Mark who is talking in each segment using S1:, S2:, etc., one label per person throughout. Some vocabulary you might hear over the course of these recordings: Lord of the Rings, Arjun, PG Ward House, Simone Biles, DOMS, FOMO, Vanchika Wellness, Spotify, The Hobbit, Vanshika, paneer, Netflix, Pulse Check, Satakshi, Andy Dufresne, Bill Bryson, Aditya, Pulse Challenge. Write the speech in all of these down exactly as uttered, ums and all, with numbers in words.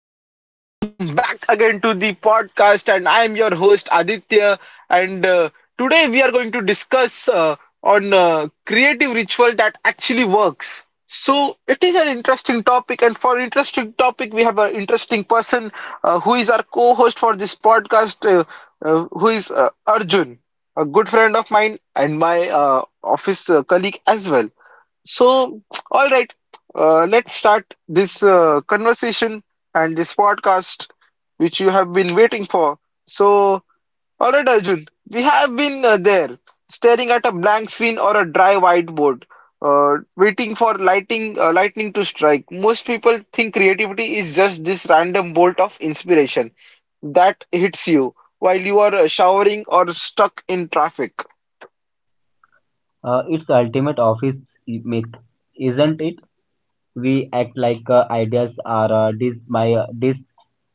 S1: everyone, and welcome back again to the podcast. And I am your host Aditya. And uh, Today we are going to discuss uh, on uh, creative ritual that actually works. So, it is an interesting topic, and for interesting topic, we have an interesting person uh, who is our co-host for this podcast, uh, uh, who is uh, Arjun, a good friend of mine and my uh, office uh, colleague as well. So, all right, uh, let's start this uh, conversation and this podcast which you have been waiting for. So, all right, Arjun, we have been uh, there staring at a blank screen or a dry whiteboard, uh, waiting for lighting, uh, lightning to strike. Most people think creativity is just this random bolt of inspiration that hits you while you are uh, showering or stuck in traffic.
S2: Uh, it's the ultimate office i- myth, isn't it? We act like uh, ideas are uh, these my uh, these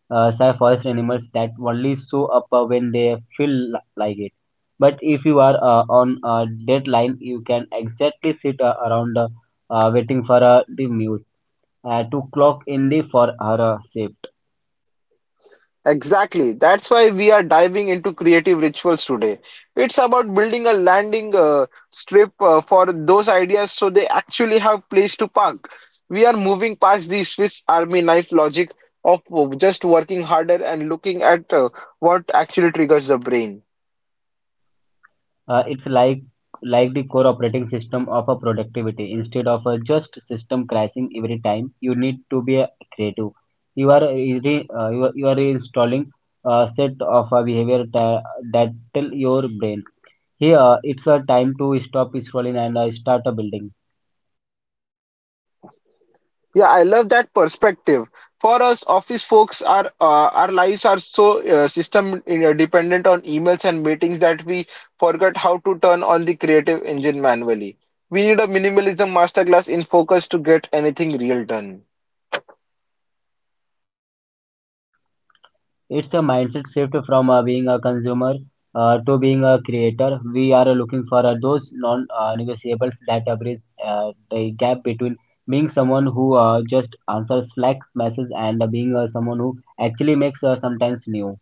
S2: uh, say forest animals that only show up uh, when they feel li- like it. But if you are uh, on a deadline, you can exactly sit uh, around uh, uh, waiting for uh, the muse uh, to clock in the for her uh, shift.
S1: Exactly. That's why we are diving into creative rituals today. It's about building a landing uh, strip uh, for those ideas so they actually have place to park. We are moving past the Swiss Army knife logic of just working harder and looking at uh, what actually triggers the brain.
S2: Uh, it's like like the core operating system of a productivity instead of a just system crashing every time you need to be a creative you are uh, re, uh, you, are, you are installing a set of a behavior ta- that tell your brain here it's a time to stop scrolling and uh, start a building.
S1: Yeah, I love that perspective. For us office folks, our uh, our lives are so uh, system uh, dependent on emails and meetings that we forget how to turn on the creative engine manually. We need a minimalism masterclass in focus to get anything real done.
S2: It's a mindset shift from uh, being a consumer uh, to being a creator. We are looking for uh, those non uh, negotiables that uh, bridge uh, the gap between being someone who uh, just answers Slack messages and uh, being uh, someone who actually makes uh, sometimes new.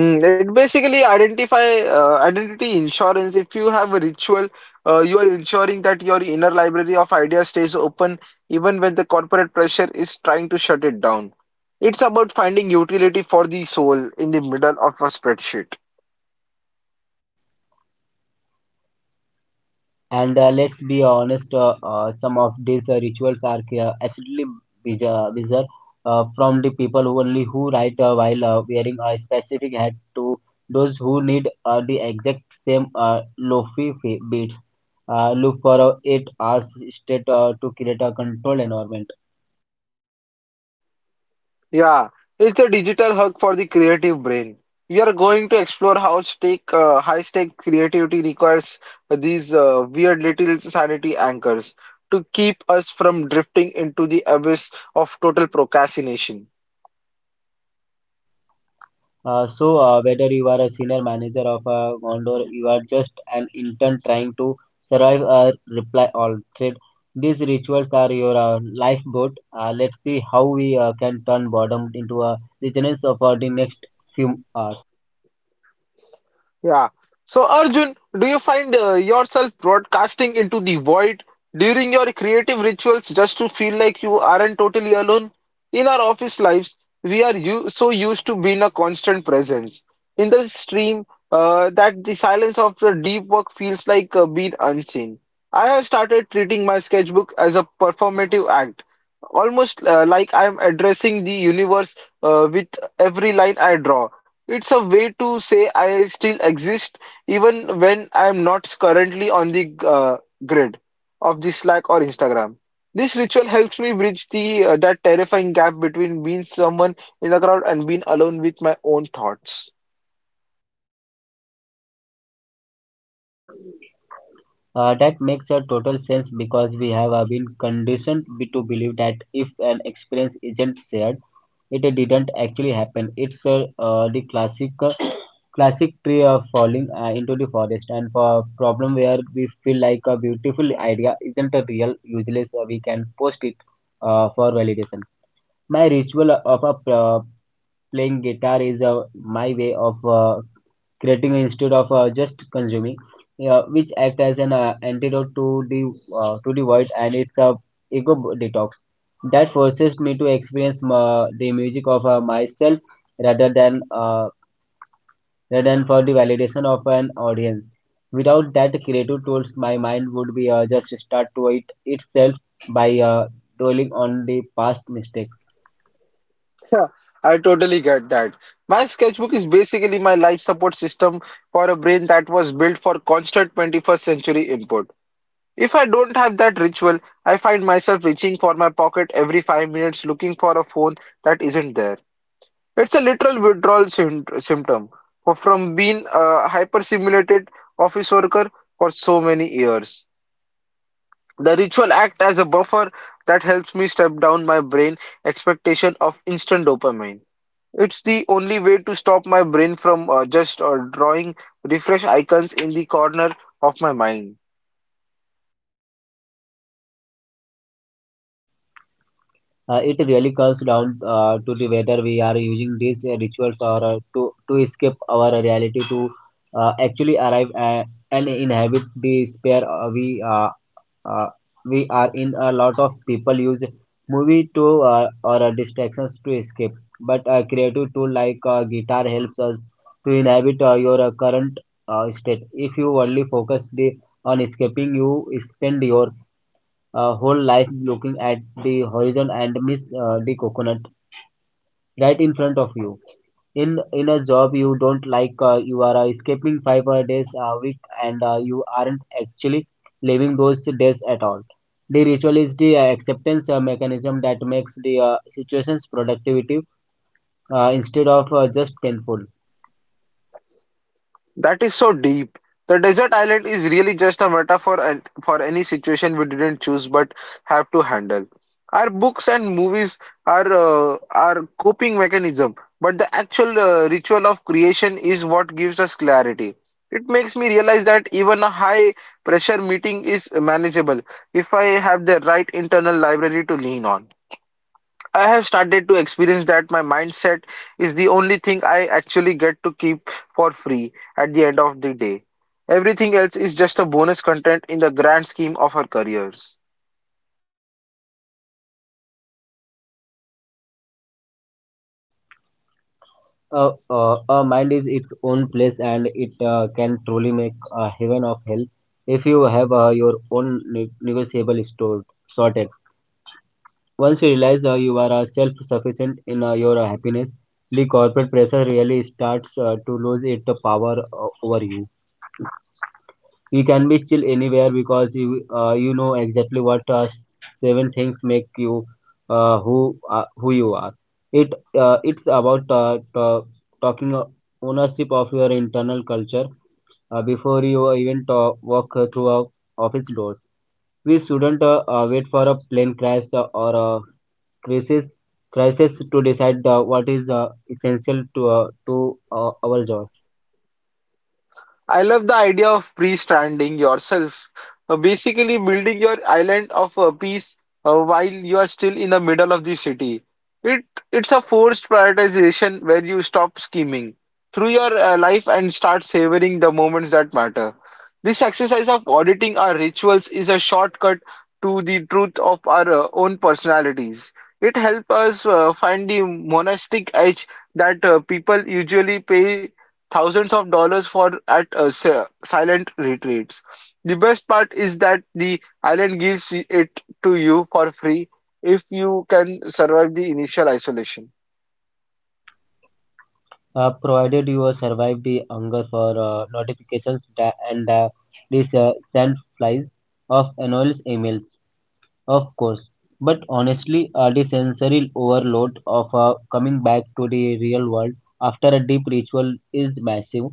S1: Mm, it basically identify uh, identity insurance. If you have a ritual, uh, you are ensuring that your inner library of ideas stays open even when the corporate pressure is trying to shut it down. It's about finding utility for the soul in the middle of a spreadsheet.
S2: And uh, let's be honest, uh, uh, some of these uh, rituals are uh, absolutely bizarre, bizarre uh, from the people who only who write uh, while uh, wearing a specific hat to those who need uh, the exact same uh, lofi fa- beats. Uh, look for uh, eight hours straight uh, to create a controlled environment.
S1: Yeah, it's a digital hug for the creative brain. We are going to explore how stake, uh, high stake creativity requires these uh, weird little sanity anchors to keep us from drifting into the abyss of total procrastination.
S2: Uh, so, uh, whether you are a senior manager of a Gondor, you are just an intern trying to survive a reply all trade. These rituals are your uh, lifeboat. Uh, let's see how we uh, can turn boredom into a richness for the next few hours.
S1: Yeah. So, Arjun, do you find uh, yourself broadcasting into the void during your creative rituals just to feel like you aren't totally alone? In our office lives, we are u so used to being a constant presence in the stream uh, that the silence of the deep work feels like uh, being unseen. I have started treating my sketchbook as a performative act, almost uh, like I'm addressing the universe uh, with every line I draw. It's a way to say I still exist even when I'm not currently on the uh, grid of the Slack or Instagram. This ritual helps me bridge the uh, that terrifying gap between being someone in the crowd and being alone with my own thoughts.
S2: Uh, that makes a total sense because we have uh, been conditioned be- to believe that if an experience isn't shared, it uh, didn't actually happen. It's uh, uh, the classic uh, classic tree of falling uh, into the forest and for problem where we feel like a beautiful idea isn't a real useless uh, we can post it uh, for validation. My ritual of a, uh, playing guitar is uh, my way of uh, creating instead of uh, just consuming, uh, which act as an uh, antidote to the uh, to the void, and it's a ego detox that forces me to experience uh, the music of uh, myself rather than uh, rather than for the validation of an audience. Without that creative tools, my mind would be uh, just start to it itself by uh, dwelling on the past mistakes.
S1: Yeah, I totally get that. My sketchbook is basically my life support system for a brain that was built for constant twenty-first century input. If I don't have that ritual, I find myself reaching for my pocket every five minutes looking for a phone that isn't there. It's a literal withdrawal sym- symptom for- from being a hyper-simulated office worker for so many years. The ritual act as a buffer that helps me step down my brain expectation of instant dopamine. It's the only way to stop my brain from uh, just uh, drawing refresh icons in the corner of my mind.
S2: Uh, it really comes down uh, to the whether we are using these uh, rituals or uh, to to escape our reality to uh, actually arrive uh, and inhabit the sphere uh, we uh, uh, we are in. A lot of people use movie to uh, or uh, distractions to escape, but a creative tool like uh, guitar helps us to inhabit uh, your uh, current uh, state. If you only focus the on escaping, you spend your uh, whole life looking at the horizon and miss uh, the coconut right in front of you. In in a job you don't like, uh, you are uh, escaping five uh, days a week, and uh, you aren't actually living those days at all. The ritual is the uh, acceptance uh, mechanism that makes the uh, situations productivity uh, instead of uh, just painful.
S1: That is so deep. The desert island is really just a metaphor and for any situation we didn't choose but have to handle. Our books and movies are uh, our coping mechanism, but the actual uh, ritual of creation is what gives us clarity. It makes me realize that even a high pressure meeting is manageable if I have the right internal library to lean on. I have started to experience that my mindset is the only thing I actually get to keep for free at the end of the day. Everything else is just a bonus content in the grand scheme of our careers.
S2: Uh, uh, a mind is its own place and it uh, can truly make a heaven of hell if you have uh, your own ne- negotiable stored sorted. Once you realize uh, you are uh, self-sufficient in uh, your uh, happiness, the corporate pressure really starts uh, to lose its power uh, over you. We can be chill anywhere because you uh, you know exactly what uh, seven things make you uh, who uh, who you are. it uh, it's about uh, to- talking uh, ownership of your internal culture uh, before you even to- walk through our office doors. We shouldn't uh, uh, wait for a plane crash uh, or a crisis crisis to decide uh, what is uh, essential to uh, to uh, our job.
S1: I love the idea of pre-stranding yourself, uh, basically building your island of uh, peace uh, while you are still in the middle of the city. It it's a forced prioritization where you stop scheming through your uh, life and start savoring the moments that matter. This exercise of auditing our rituals is a shortcut to the truth of our uh, own personalities. It helps us uh, find the monastic edge that uh, people usually pay thousands of dollars for at uh, si- silent retreats. The best part is that the island gives it to you for free if you can survive the initial isolation.
S2: Uh, provided you uh, survive the hunger for uh, notifications da- and uh, this uh, sand flies of anonymous emails, of course. But honestly, uh, the sensory overload of uh, coming back to the real world after a deep ritual is massive.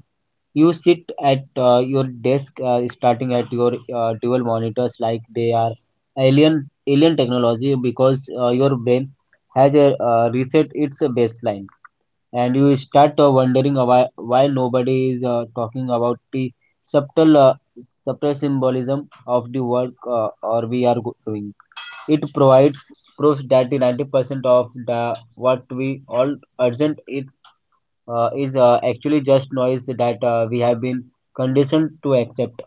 S2: You sit at uh, your desk, uh, starting at your uh, dual monitors like they are alien alien technology because uh, your brain has a, uh, reset its baseline and you start uh, wondering why why nobody is uh, talking about the subtle uh, subtle symbolism of the work uh, or we are go- doing. It provides proof that the ninety percent of the what we all urgent it uh, is uh, actually just noise that uh, we have been conditioned to accept.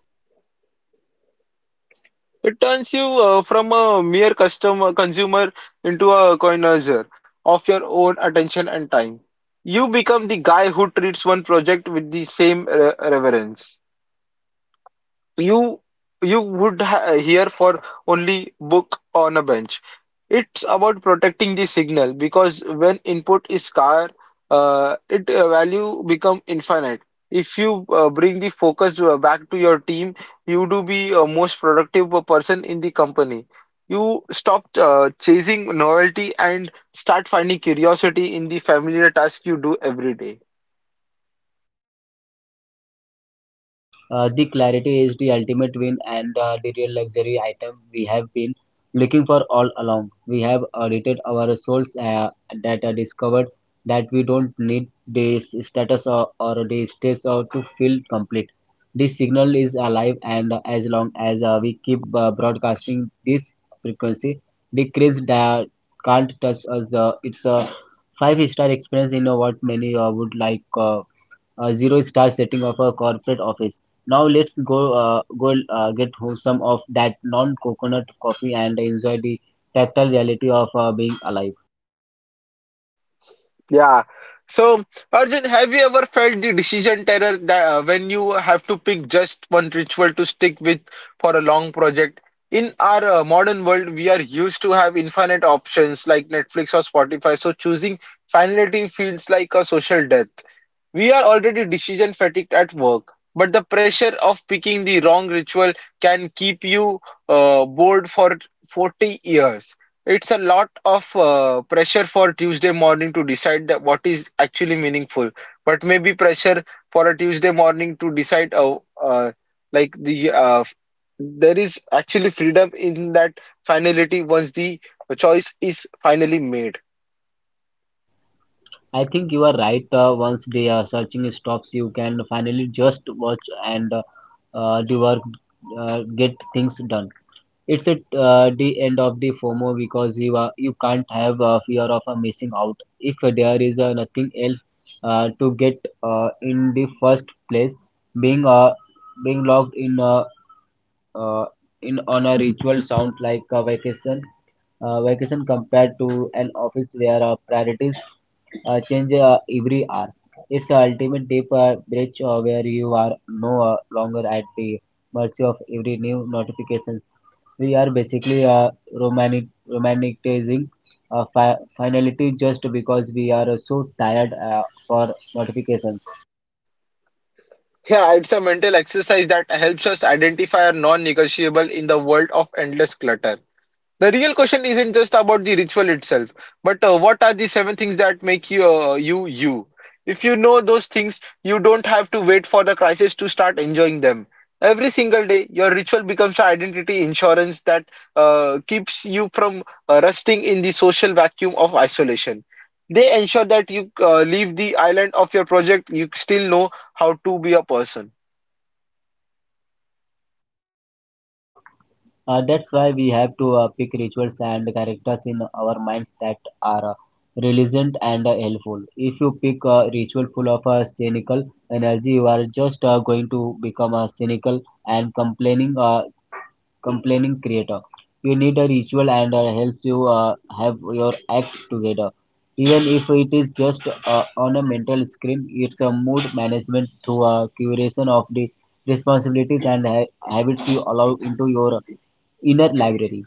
S1: It turns you uh, from a mere customer consumer into a connoisseur of your own attention and time. You become the guy who treats one project with the same re- reverence. you you would ha hear for only book on a bench. It's about protecting the signal because when input is scarce, uh, it uh, value become infinite. If you uh, bring the focus uh, back to your team, you do be a most productive person in the company. You stop uh, chasing novelty and start finding curiosity in the familiar task you do every day.
S2: Uh, the clarity is the ultimate win and uh, the real luxury item we have been looking for all along. We have audited our souls uh, that are discovered that we don't need the status or, or the states or to feel complete. This signal is alive, and uh, as long as uh, we keep uh, broadcasting this frequency, the creeps that can't touch us. Uh, it's a five-star experience in uh, what many uh, would like. Uh, a zero star setting of a corporate office. Now let's go uh, go uh, get ho- some of that non coconut coffee and enjoy the tactile reality of uh, being alive.
S1: Yeah. So, Arjun, have you ever felt the decision terror that uh, when you have to pick just one ritual to stick with for a long project? In our uh, modern world, we are used to have infinite options like Netflix or Spotify, so choosing finality feels like a social death. We are already decision fatigued at work, but the pressure of picking the wrong ritual can keep you uh, bored for forty years. It's a lot of uh, pressure for Tuesday morning to decide that what is actually meaningful, but maybe pressure for a Tuesday morning to decide uh, uh, like the uh, there is actually freedom in that finality once the choice is finally made.
S2: I think you are right. Uh, once the uh, searching stops, you can finally just watch and uh, uh, do work, uh, get things done. It's at uh, the end of the phomo because you are, you can't have a fear of uh, missing out if there is uh, nothing else uh, to get uh, in the first place. Being uh, being locked in uh, uh, in on a ritual sounds like a vacation. Uh, vacation compared to an office where uh, priorities uh, change uh, every hour. It's the ultimate deep uh, breach uh, where you are no uh, longer at the mercy of every new notifications. We are basically uh, romantic, romanticizing uh, fi- finality just because we are uh, so tired uh, for notifications.
S1: Yeah, it's a mental exercise that helps us identify our non-negotiable in the world of endless clutter. The real question isn't just about the ritual itself, but uh, what are the seven things that make you, uh, you you? If you know those things, you don't have to wait for the crisis to start enjoying them. Every single day, your ritual becomes an identity insurance that uh, keeps you from uh, rusting in the social vacuum of isolation. They ensure that you uh, leave the island of your project, you still know how to be a person.
S2: Uh, that's why we have to uh, pick rituals and characters in our minds that are uh, relevant and uh, helpful. If you pick a ritual full of uh, cynical energy, you are just uh, going to become uh, cynical and complaining. Uh, complaining creator, you need a ritual and uh, helps you uh, have your act together even if it is just uh, on a mental screen. It's a mood management through a curation of the responsibilities and ha- habits you allow into your inner library.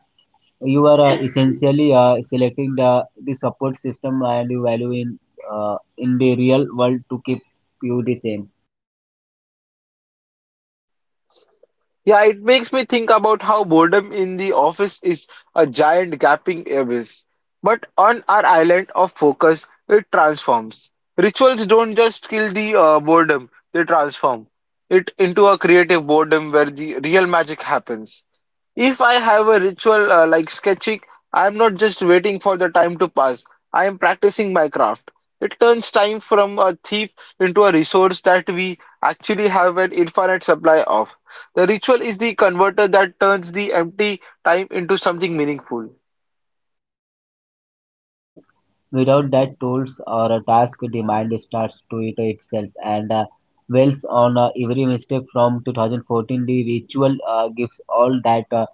S2: You are uh, essentially uh, selecting the, the support system and the value in uh, in the real world to keep you the same.
S1: Yeah, it makes me think about how boredom in the office is a giant gaping abyss. But on our island of focus, it transforms. Rituals don't just kill the uh, boredom, they transform it into a creative boredom where the real magic happens. If I have a ritual uh, like sketching, I am not just waiting for the time to pass, I am practicing my craft. It turns time from a thief into a resource that we actually have an infinite supply of. The ritual is the converter that turns the empty time into something meaningful.
S2: Without that tools or a task, the mind starts to it itself and uh, dwells on uh, every mistake from two thousand fourteen. The ritual uh, gives all that uh,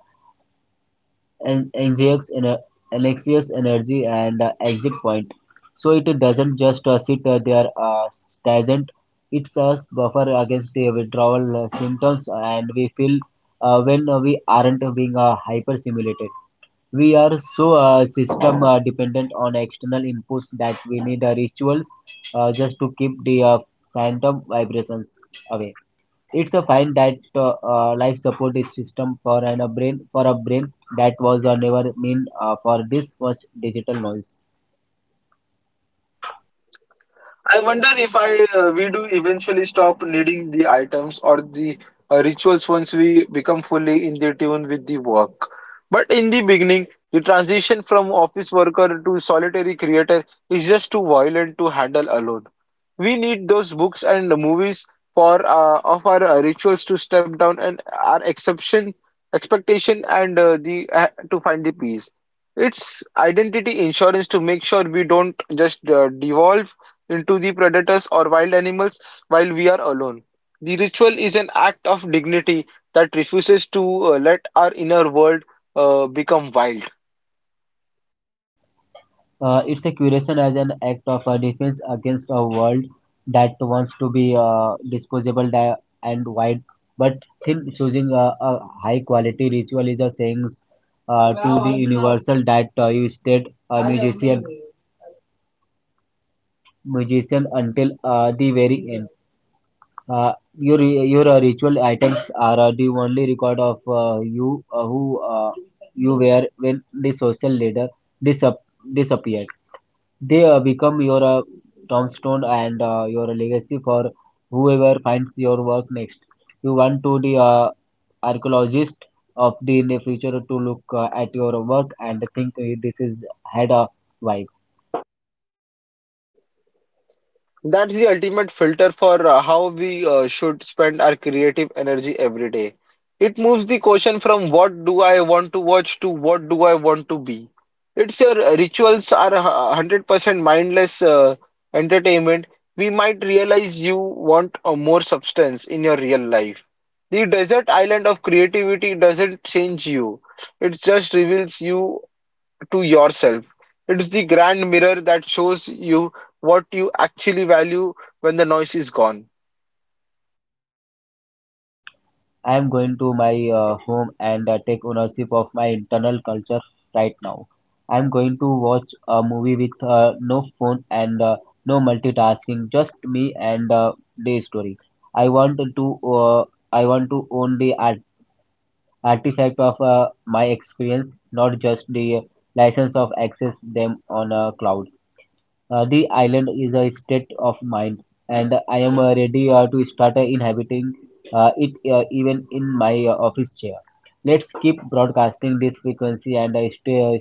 S2: an- anxious, ener- anxious energy and uh, exit point. So it doesn't just uh, sit uh, there uh, stagnant. It's a buffer against the withdrawal uh, symptoms and we feel uh, when uh, we aren't being uh, hyper stimulated. We are so uh, system uh, dependent on external inputs that we need uh, rituals uh, just to keep the uh, phantom vibrations away. It's a find that uh, uh, life support is system for an, a brain for a brain that was uh, never meant uh, for this much digital noise.
S1: I wonder if I uh, we do eventually stop needing the items or the uh, rituals once we become fully in the tune with the work. But in the beginning, the transition from office worker to solitary creator is just too violent to handle alone. We need those books and movies for uh, of our uh, rituals to step down and our exception expectation and uh, the uh, to find the peace. It's identity insurance to make sure we don't just uh, devolve into the predators or wild animals while we are alone. The ritual is an act of dignity that refuses to uh, let our inner world uh, become wild.
S2: Uh, it's a curation as an act of uh, defense against a world that wants to be uh, disposable di- and wide but thin. Choosing a, a high quality ritual is a saying uh, to the universal that uh, you stayed a musician musician until uh, the very end. Uh, your your uh, ritual items are uh, the only record of uh, you uh, who uh, you were when the social leader disap- disappeared. they uh, become your uh, tombstone and uh, your legacy for whoever finds your work next. You want to the uh, archaeologist of the in the future to look uh, at your work and think, "Hey, this is had a vibe."
S1: That's the ultimate filter for uh, how we uh, should spend our creative energy every day. It moves the question from what do I want to watch to what do I want to be. It's your uh, rituals are a hu- one hundred percent mindless uh, entertainment. We might realize you want a more substance in your real life. The desert island of creativity doesn't change you. It just reveals you to yourself. It's the grand mirror that shows you what you actually value when the noise is gone.
S2: I am going to my uh, home and uh, take ownership of my internal culture right now. I am going to watch a movie with uh, no phone and uh, no multitasking, just me and uh, the story. I want to uh, I want to own the art artifact of uh, my experience, not just the license of access them on a cloud. Uh, the island is a state of mind, and I am uh, ready uh, to start uh, inhabiting uh, it uh, even in my uh, office chair. Let's keep broadcasting this frequency and uh, stay uh,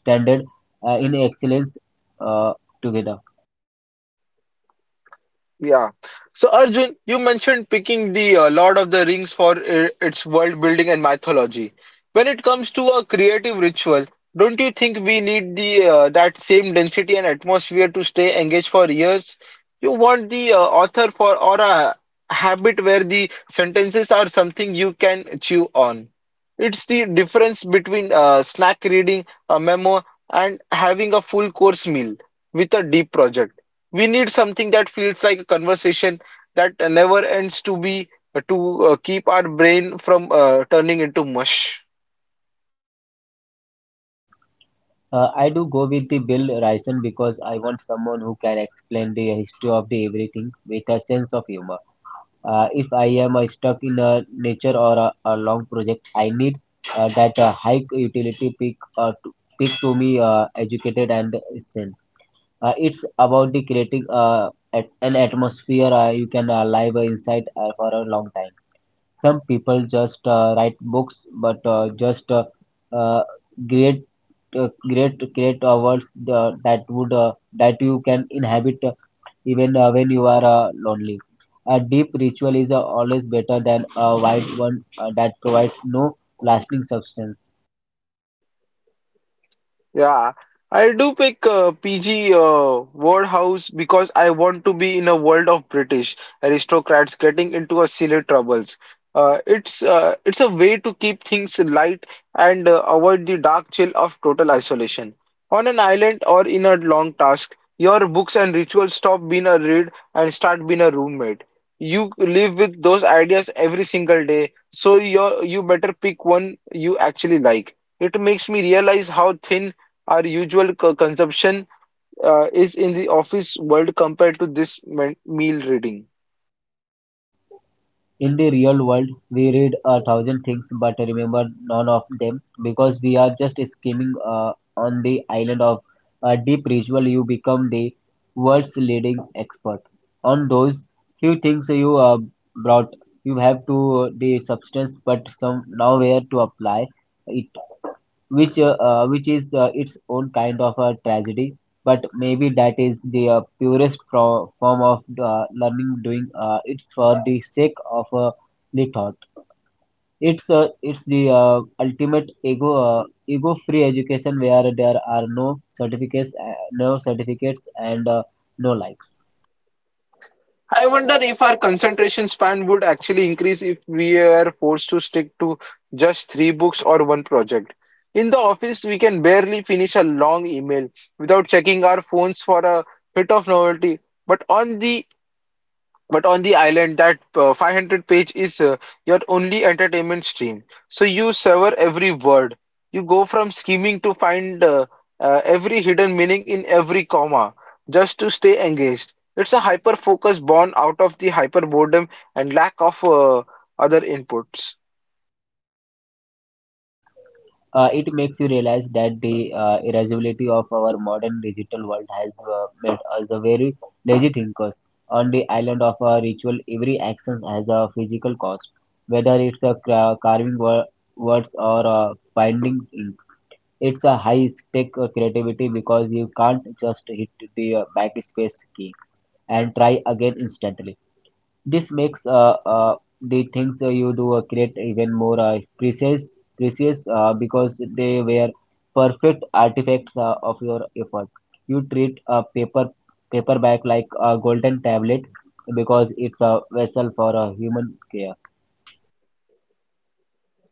S2: standard uh, in excellence uh, together.
S1: Yeah. So Arjun, you mentioned picking the uh, Lord of the Rings for i- its world building and mythology. When it comes to a creative ritual, don't you think we need the uh, that same density and atmosphere to stay engaged for years? You want the uh, author for or a habit where the sentences are something you can chew on. It's the difference between uh, snack reading, a memo, and having a full course meal with a deep project. We need something that feels like a conversation that uh, never ends to be to uh, keep our brain from uh, turning into mush.
S2: Uh, I do go with the Bill Ryson because I want someone who can explain the history of the everything with a sense of humor. Uh, if I am uh, stuck in a nature or a, a long project, I need uh, that uh, high utility peak uh, to, peak to me uh, educated and sane. Uh, it's about the creating uh, at an atmosphere uh, you can uh, live inside uh, for a long time. Some people just uh, write books, but uh, just uh, uh, create uh, create create uh, worlds uh, that would uh, that you can inhabit uh, even uh, when you are uh, lonely. A deep ritual is uh, always better than a wide one uh, that provides no lasting substance.
S1: Yeah, I do pick uh, P G uh, Ward House because I want to be in a world of British aristocrats getting into a silly troubles. Uh, it's uh, it's a way to keep things light and uh, avoid the dark chill of total isolation. On an island or in a long task, your books and rituals stop being a read and start being a roommate. You live with those ideas every single day, so you you better pick one you actually like. It makes me realize how thin our usual co- consumption uh, is in the office world compared to this me- meal reading.
S2: In the real world, we read a thousand things but remember none of them because we are just skimming uh, on the island of a deep ritual. You become the world's leading expert on those few things you uh, brought. You have to uh, the substance, but some nowhere to apply it, which uh, uh, which is uh, its own kind of a tragedy. But maybe that is the uh, purest pro- form of uh, learning, doing uh, it's for the sake of uh, the thought. It's uh, it's the uh, ultimate ego uh, ego free education where there are no certificates, uh, no certificates and uh, no likes.
S1: I wonder if our concentration span would actually increase if we are forced to stick to just three books or one project. In the office, we can barely finish a long email without checking our phones for a bit of novelty. But on the But on the island, that uh, five hundred page is uh, your only entertainment stream. So you sever every word. You go from scheming to find uh, uh, every hidden meaning in every comma just to stay engaged. It's a hyper focus born out of the hyper boredom and lack of uh, other inputs.
S2: Uh, it makes you realize that the uh, irascibility of our modern digital world has uh, made us a very lazy thinkers. On the island of a ritual, every action has a physical cost, whether it's a cra- carving wo- words or a binding ink. It's a high stake uh, creativity because you can't just hit the uh, backspace key and try again instantly. This makes uh, uh, the things uh, you do uh, create even more uh, precious, precious uh, because they were perfect artifacts uh, of your effort. You treat a paper paperback like a golden tablet because it's a vessel for a human care.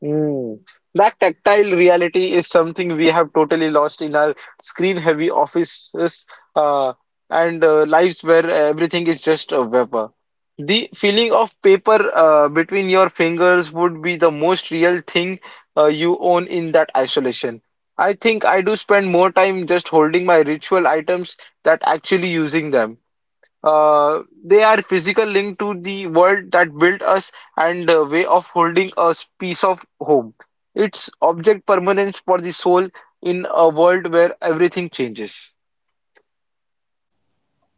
S1: Mm. That tactile reality is something we have totally lost in our screen-heavy offices uh, and uh, lives where everything is just a vapor. The feeling of paper uh, between your fingers would be the most real thing uh, you own in that isolation. I think I do spend more time just holding my ritual items than actually using them. Uh, they are physical link to the world that built us and a way of holding us piece of home. It's object permanence for the soul in a world where everything changes.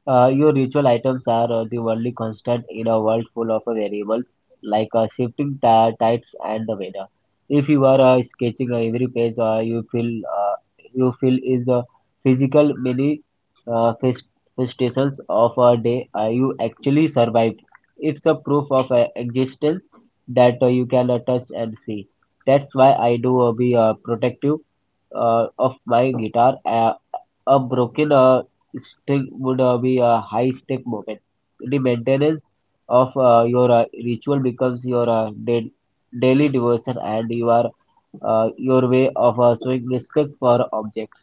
S2: Uh, your ritual items are uh, the only constant in a world full of uh, variables like uh, shifting ti- tides and the weather. If you are uh, sketching uh, every page, uh, you feel uh, you feel is a physical many uh, manifestations of a day uh, you actually survived. It's a proof of uh, existence that uh, you can uh, touch and see. That's why I do uh, be uh, protective uh, of my guitar. Uh, a broken uh, thing would uh, be a high stake moment. The maintenance of uh, your uh, ritual becomes your uh, da- daily devotion, and you are uh, your way of uh, showing respect for objects.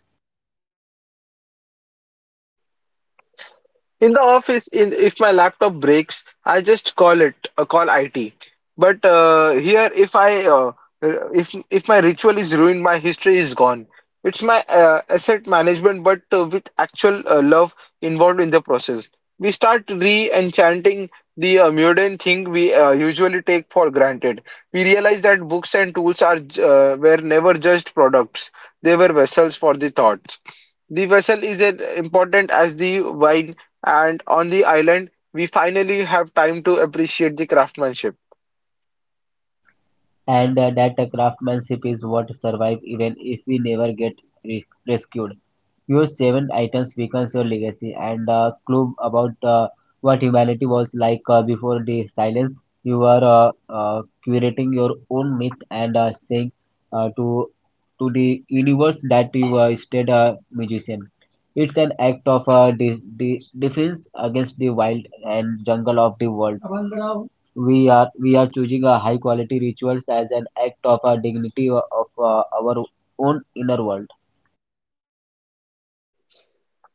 S1: In the office, in if my laptop breaks, I just call it uh, call I T. But uh, here, if I uh, r- if if my ritual is ruined, my history is gone. It's my uh, asset management, but uh, with actual uh, love involved in the process. We start re-enchanting the uh, mundane thing we uh, usually take for granted. We realize that books and tools are j- uh, were never just products; they were vessels for the thoughts. The vessel is as important as the wine, and on the island, we finally have time to appreciate the craftsmanship.
S2: and uh, that uh, craftsmanship is what survives, even if we never get re- rescued. Your seven items becomes your legacy, and a clue about uh, what humanity was like uh, before the silence. You are uh, uh, curating your own myth and uh, saying uh, to to the universe that you uh, stayed a musician. It's an act of uh, de- de- defense against the wild and jungle of the world. We are we are choosing a high quality rituals as an act of a dignity o- of uh, our own inner world.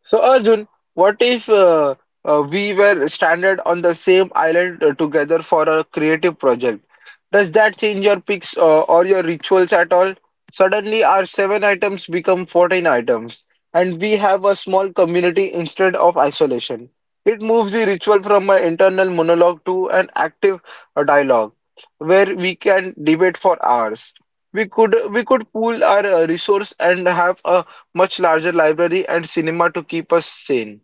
S1: So Arjun, what if uh, uh, we were stranded on the same island uh, together for a creative project? Does that change your picks uh, or your rituals at all? Suddenly, our seven items become fourteen items, and we have a small community instead of isolation. It moves the ritual from an internal monologue to an active uh, dialogue where we can debate for hours. We could we could pool our uh, resource and have a much larger library and cinema to keep us sane.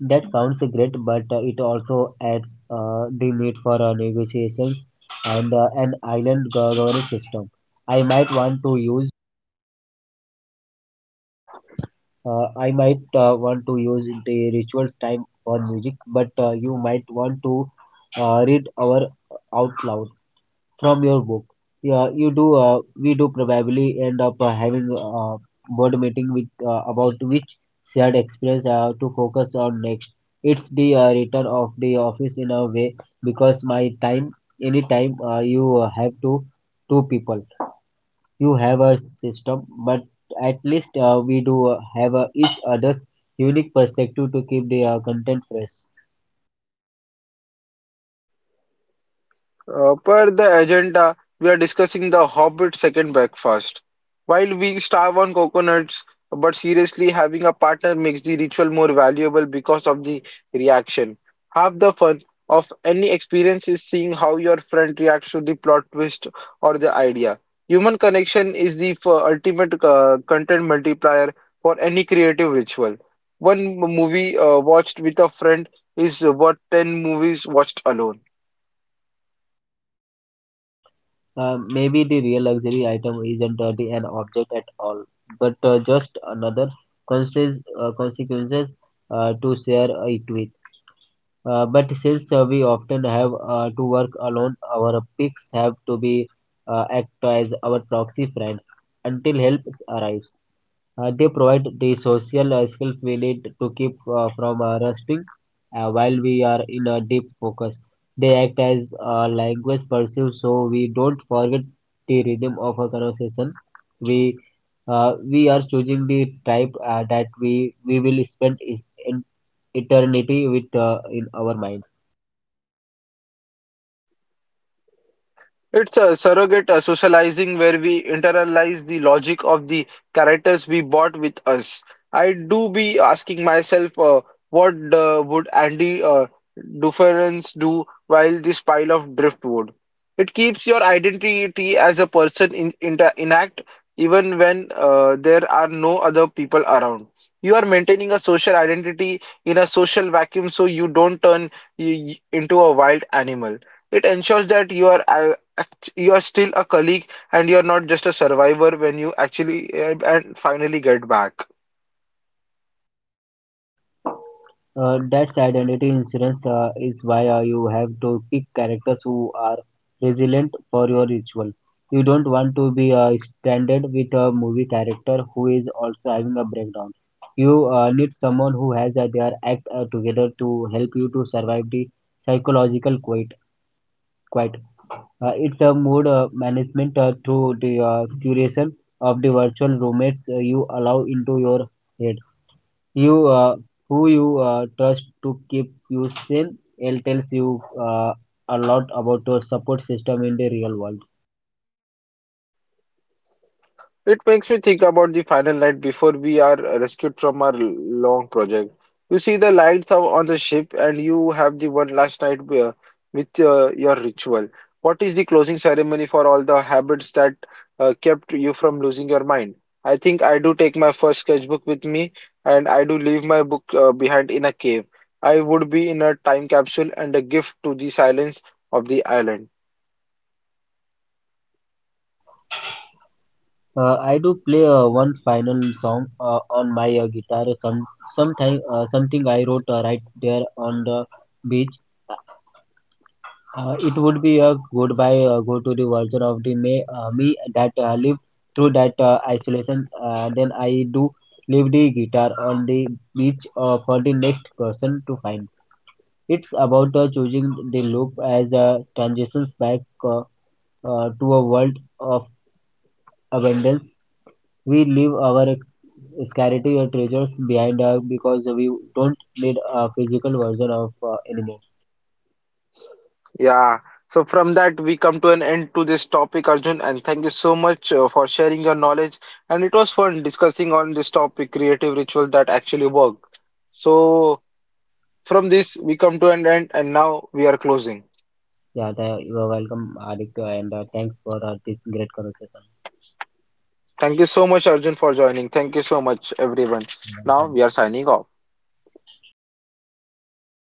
S2: That sounds great, but uh, it also adds uh, the need for uh, negotiations and uh, an island go- governance system. I might want to use uh, i might uh, want to use the rituals time for music, but uh, you might want to uh, read our out loud from your book. Yeah, you do. Uh, we do probably end up uh, having a board meeting with uh, about which shared experience uh, to focus on next. It's the uh, return of the office in a way, because my time, any time uh, you uh, have to two people, you have a system, but at least uh, we do uh, have uh, each other's unique perspective to keep the uh, content fresh.
S1: Uh, per the agenda, we are discussing The Hobbit Second Breakfast. While we starve on coconuts, but seriously, having a partner makes the ritual more valuable because of the reaction. Half the fun of any experience is seeing how your friend reacts to the plot twist or the idea. Human connection is the f- ultimate uh, content multiplier for any creative ritual. One m- movie uh, watched with a friend is worth ten movies watched alone.
S2: Um, maybe the real luxury item isn't uh, the, an object at all, but uh, just another consequences, uh, consequences uh, to share uh, it with. Uh, but since uh, we often have uh, to work alone, our picks have to be uh, act as our proxy friend until help arrives. Uh, they provide the social uh, skills we need to keep uh, from uh, rusting uh, while we are in a deep focus. They act as uh, language pursuit, so we don't forget the rhythm of a conversation. We uh, we are choosing the type uh, that we, we will spend e- in eternity with uh, in our mind.
S1: It's a surrogate uh, socializing where we internalize the logic of the characters we bought with us. I do be asking myself, uh, what uh, would Andy uh, Dufresne do while this pile of driftwood? It keeps your identity as a person in, inta intact even when uh, there are no other people around. You are maintaining a social identity in a social vacuum so you don't turn y y- into a wild animal. It ensures that you are. Uh, you're still a colleague and you're not just a survivor when you actually uh, and finally get back.
S2: Uh, that's identity insurance uh, is why uh, you have to pick characters who are resilient for your ritual. You don't want to be uh, stranded with a movie character who is also having a breakdown. You uh, need someone who has uh, their act uh, together to help you to survive the psychological quiet. quiet. Uh, it's a mood uh, management uh, through the uh, curation of the virtual roommates uh, you allow into your head, you uh, who you uh, trust to keep you sane. It tells you uh, a lot about your support system in the real world.
S1: It makes me think about the final night before we are rescued from our long project. You see the lights are on the ship, and you have the one last night where- with uh, your ritual. What is the closing ceremony for all the habits that uh, kept you from losing your mind? I think I do take my first sketchbook with me, and I do leave my book uh, behind in a cave. I would be in a time capsule and a gift to the silence of the island.
S2: uh, I do play uh, one final song uh, on my uh, guitar, some sometime uh, something I wrote uh, right there on the beach. Uh, it would be a goodbye uh, go to the version of the me, uh, me that uh, lived through that uh, isolation. Uh, then I do leave the guitar on the beach uh, for the next person to find. It's about uh, choosing the loop as a transitions back uh, uh, to a world of abundance. We leave our ex- scarcity or treasures behind uh, because we don't need a physical version of uh, anymore.
S1: Yeah. So from that we come to an end to this topic, Arjun, and thank you so much uh, for sharing your knowledge. And it was fun discussing on this topic, creative ritual that actually work. So from this we come to an end, and now we are closing.
S2: Yeah, th- you are welcome, Aditya, and uh, thanks for uh, this great conversation.
S1: Thank you so much, Arjun, for joining. Thank you so much, everyone. Now
S2: Welcome.
S1: we are signing off.